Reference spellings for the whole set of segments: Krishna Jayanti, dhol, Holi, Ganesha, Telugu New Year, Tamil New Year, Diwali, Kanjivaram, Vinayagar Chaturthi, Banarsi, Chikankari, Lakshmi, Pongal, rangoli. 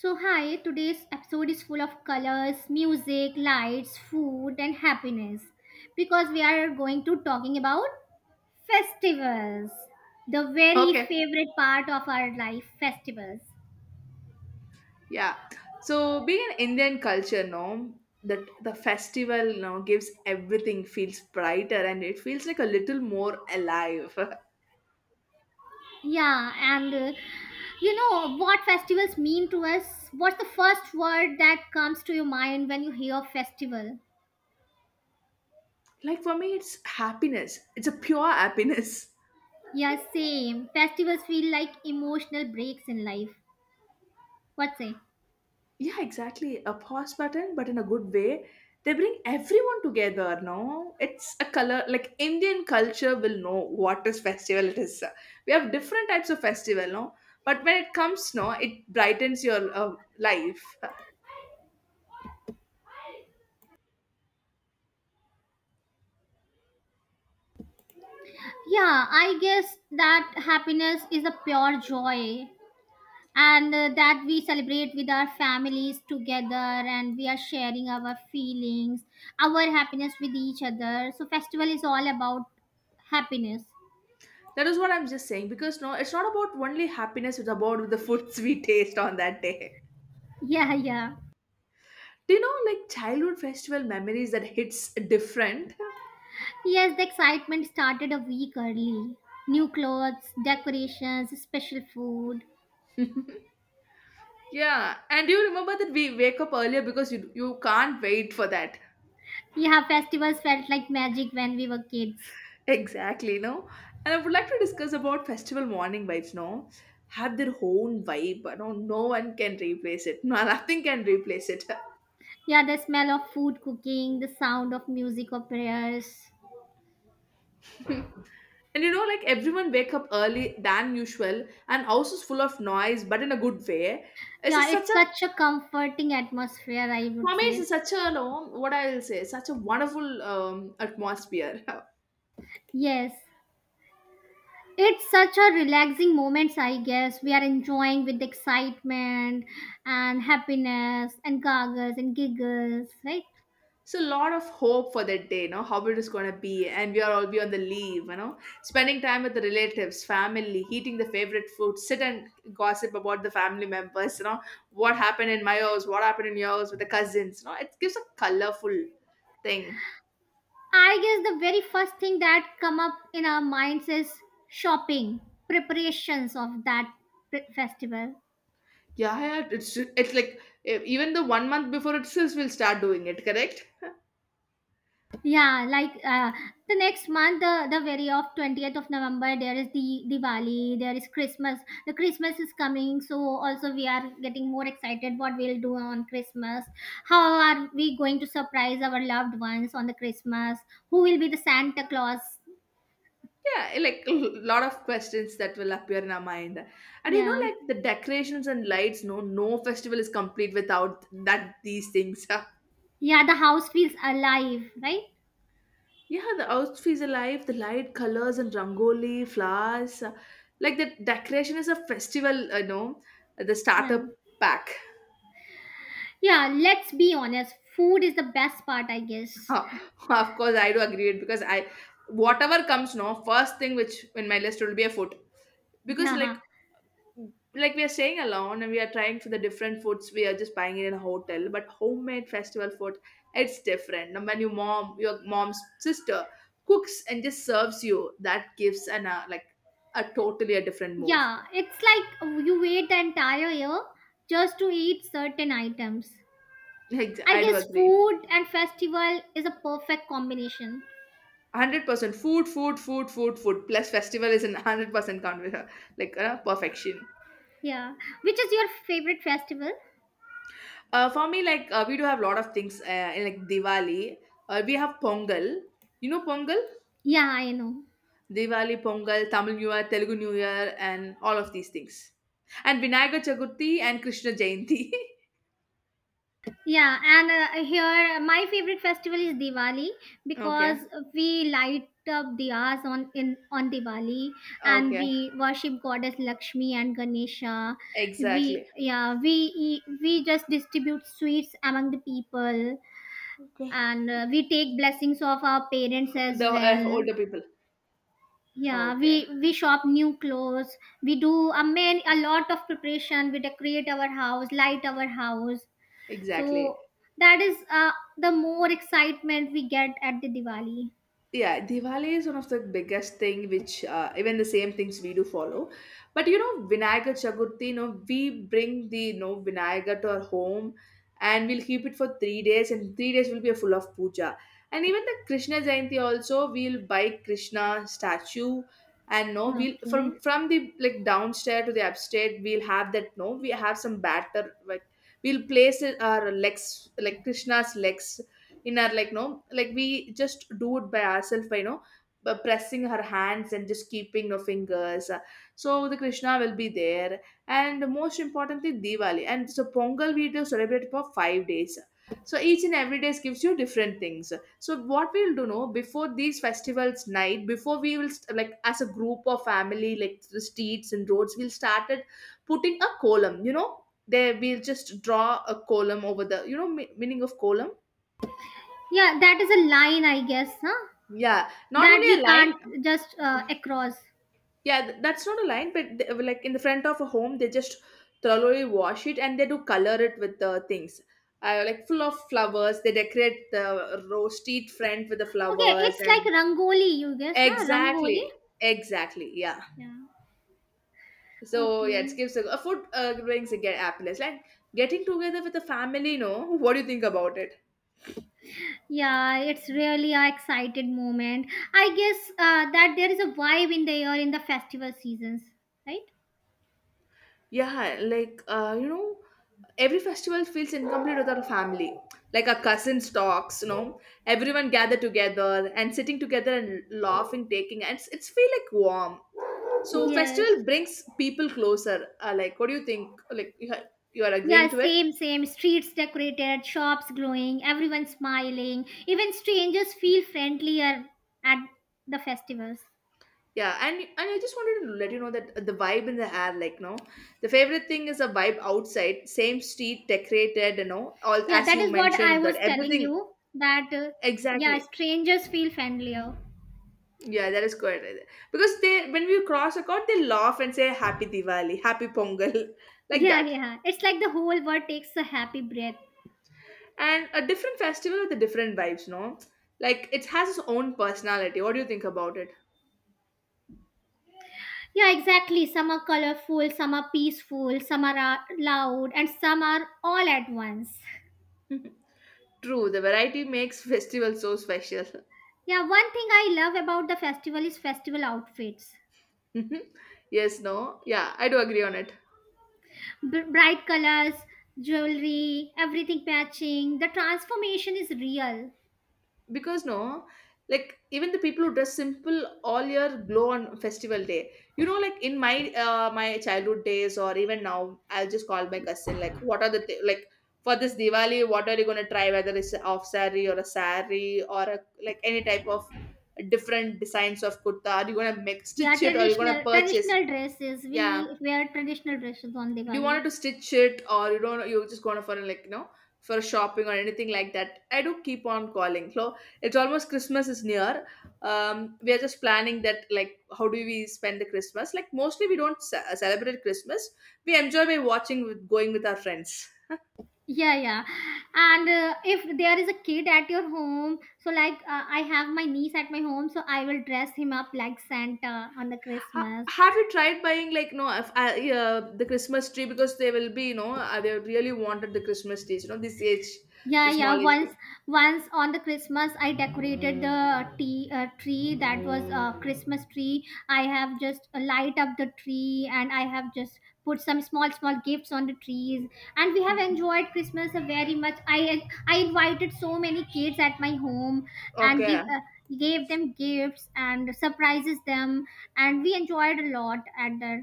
So, hi, today's episode is full of colors, music, lights, food, and happiness because we are going to talking about festivals, the very Okay, favorite part of our life, festivals. yeah. So being an Indian culture, no, that the festival now gives everything feels brighter and it feels like a little more alive. Yeah, and you know what festivals mean to us? What's the first word that comes to your mind when you hear festival? Like for me, it's happiness. It's a pure happiness. Yeah, same. Festivals feel like emotional breaks in life. What say? Yeah, exactly. A pause button, but in a good way. They bring everyone together, no? It's a color like Indian culture will know what is festival it is. We have different types of festival, no? But when it comes, no, it brightens your life. Yeah, I guess that happiness is a pure joy and that we celebrate with our families together and we are sharing our feelings, our happiness with each other. So festival is all about happiness. That is what I'm just saying because no, it's not about only happiness, it's about the foods we taste on that day. Yeah, yeah. Do you know like childhood festival memories that hits different? Yes, the excitement started a week early. New clothes, decorations, special food. Yeah, and do you remember that we wake up earlier because you can't wait for that? Yeah, festivals felt like magic when we were kids. Exactly, no? And I would like to discuss about festival morning vibes, no? Have their own vibe, no, no one can replace it. No, nothing can replace it. Yeah, the smell of food cooking, the sound of music or prayers. And you know, like everyone wake up early than usual, and house is full of noise, but in a good way. Yeah, Such it's a such a comforting atmosphere, I would for me, say. it's such a you know, what I'll say, such a wonderful atmosphere. Yes, it's such a relaxing moments, I guess. We are enjoying with excitement and happiness and goggles and giggles, right? It's a lot of hope for that day, you know, how it is gonna be, and we are all be on the leave, you know, spending time with the relatives, family, eating the favorite food, sit and gossip about the family members, you know, what happened in my house, what happened in yours with the cousins, you know, it gives a colorful thing. I guess the very first thing that come up in our minds is shopping, preparations of that festival. Yeah, yeah, it's like even the 1 month before itself we'll start doing it, correct? Yeah, the next month, the very of 20th of November, there is the Diwali, there is Christmas. The Christmas is coming, so also we are getting more excited what we'll do on Christmas. How are we going to surprise our loved ones on the Christmas? Who will be the Santa Claus? Yeah, like a lot of questions that will appear in our mind. And you know, Yeah. like the decorations and lights, no, no festival is complete without that these things. Yeah, the house feels alive, right? Yeah, the outfits are alive, the light colors and rangoli, flowers. Like the decoration is a festival, you know, the Yeah. starter pack. Yeah, let's be honest. Food is the best part, I guess. Of course, I do agree it because I, whatever comes, no, first thing which in my list will be a food. Because Yeah. like we are staying alone and we are trying for the different foods we are just buying it in a hotel but homemade festival food it's different and when your mom's sister cooks and just serves you that gives an like a totally a different move. Yeah, it's like you wait the entire year just to eat certain items. Like I I do guess agree. food and festival is a perfect combination. 100% food food food food food plus festival is an 100% like perfection. Yeah. Which is your favorite festival? For me like we do have a lot of things in like diwali. We have pongal, you know pongal. Yeah, I know. Diwali, Pongal, Tamil New Year, Telugu New Year, and all of these things. And Vinayagar Chaturthi and Krishna Jayanti. Yeah, and here my favorite festival is Diwali because Okay, we light up diyas on Diwali and okay, we worship goddess Lakshmi and Ganesha. We, exactly. yeah, we we just distribute sweets among the people Okay. and we take blessings of our parents as The well. older people. Yeah, we Okay, we shop new clothes. We do a man a lot of preparation. We decorate our house, light our house. So exactly. that is the more excitement we get at the Diwali. Yeah, diwali is one of the biggest thing which even the same things we do follow, but you know vinayagar chaturthi, you know we bring the you know vinayagar to our home, and we'll keep it for 3 days and 3 days will be a full of puja. And even the krishna jayanti also we'll buy krishna statue, and no we'll from Okay, from the like downstairs to the upstairs we'll have that, no we have some batter like we'll place it, our legs, like krishna's legs in our like no, like we just do it by ourselves by you know by pressing her hands and just keeping her fingers, so the krishna will be there. And most importantly diwali and so pongal we do celebrate for 5 days, so each and every day gives you different things. So what we'll do, no, before these festivals, night before we will like as a group or family, like the streets and roads we'll started putting a column, you know, there we'll just draw a column over the you know meaning of column. yeah, that is a line I guess, huh? Yeah, not That only we a can't line. just across. Yeah, that's not a line, but they, like in the front of a home, they just thoroughly wash it and they do color it with the things. Like full of flowers, they decorate the row street front with the Okay, flowers it's like and rangoli you guess, huh? Rangoli. exactly, exactly, yeah. Yeah. So yeah, it Okay. gives a food brings a get happiness. Like getting together with the family, you know. What do you think about it? Yeah, it's really a excited moment. I guess that there is a vibe in the air in the festival seasons, right? Yeah, like you know, every festival feels incomplete without a family. Like our cousins talks, you know, everyone gather together and sitting together and laughing, taking and it's feel like warm. So Yes. festival brings people closer. Like, what do you think? Like, you are Yeah, agreeing to it? same, same. Streets decorated, shops glowing, everyone smiling. Even strangers feel friendlier at the festivals. Yeah, and I just wanted to let you know that the vibe in the air, like, no, the favorite thing is a vibe outside, same street decorated, you know, all Yeah, as that you is what I mentioned was that telling everything you that, yeah, exactly. strangers feel friendlier. Yeah, that is quite right. Because they, when we cross a chord, they laugh and say "Happy Diwali," "Happy Pongal," like Yeah, that. yeah. It's like the whole world takes a happy breath. And a different festival with a different vibes, no? Like it has its own personality. What do you think about it? Yeah, exactly. Some are colorful, some are peaceful, some are loud, and some are all at once. True, the variety makes festival so special. Yeah, one thing I love about the festival is festival outfits. Yes, no, yeah, I do agree on it. Bright colors, jewelry, everything matching. The transformation is real. Because no, like even the people who dress simple all year glow on festival day, you know, like in my my childhood days, or even now I'll just call my cousin like what are the like for this diwali what are you going to try, whether it's a off saree or a, like any type of different designs of kurta, are you going to make Yeah, stitch it or you going to traditional purchase. traditional dresses. Yeah, We wear traditional dresses on do you Diwali. wanted to stitch it or you don't, you just going for like you know for shopping or anything like that, I do keep on calling. So it's almost christmas is near. We are just planning that like how do we spend the christmas, like mostly we don't celebrate christmas, we enjoy by watching with going with our friends. Yeah, yeah. And if there is a kid at your home, so like I have my niece at my home, so I will dress him up like Santa on the Christmas. Have you tried buying like, no, if I, yeah, the christmas tree, because they will be you know they really wanted the christmas trees, you know, this age, Yeah, the small yeah. age Once, group. once on the Christmas, I decorated the tea tree that was a Christmas tree. I have just light up the tree, and I have just put some small, small gifts on the trees. And we have Mhm. enjoyed Christmas very much. I invited so many kids at my home and give Okay. Gave them gifts and surprises them, and we enjoyed a lot at the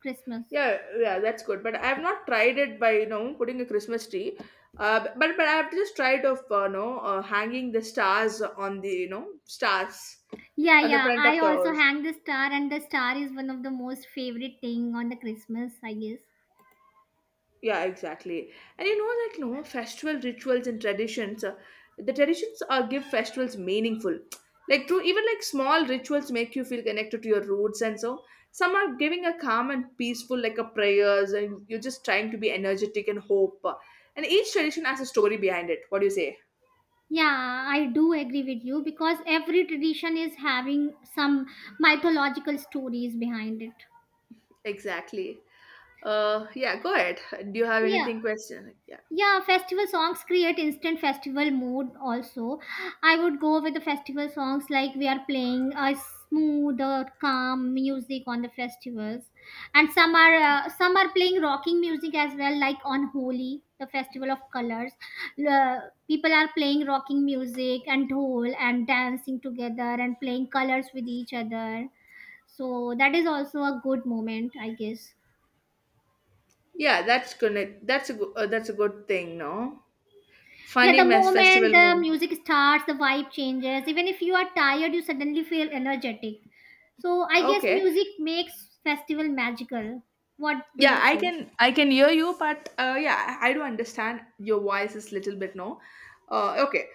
Christmas. Yeah, yeah, that's good. But I've not tried it by you know putting a Christmas tree. But I've just tried of you know hanging the stars on the you know stars Yeah, on the yeah. front of I the. also hang the star, and the star is one of the most favorite thing on the Christmas, I guess. Yeah, exactly. And you know that know, festival rituals and traditions, the traditions are give festivals meaningful. Like true, even like small rituals make you feel connected to your roots, and so some are giving a calm and peaceful, like a prayers, and you're just trying to be energetic and hope. And each tradition has a story behind it. What do you say? Yeah, I do agree with you because every tradition is having some mythological stories behind it. Exactly. Yeah. Go ahead. Do you have Yeah. anything question? Yeah. Yeah, festival songs create instant festival mood also. I would go with the festival songs, like we are playing a smooth or calm music on the festivals. And some are, some are playing rocking music as well, like on Holi, the festival of colors. Uh, People are playing rocking music and dhol and dancing together and playing colors with each other. So that is also a good moment, I guess. Yeah, that's connect. That's a good. That's a good thing. No, Yeah, funny the mess moment festival. the music starts, the vibe changes. Even if you are tired, you suddenly feel energetic. So I guess Okay. music makes festival magical. What do Yeah, you I say? can I can hear you, but yeah, I do understand your voice is little bit no. Okay,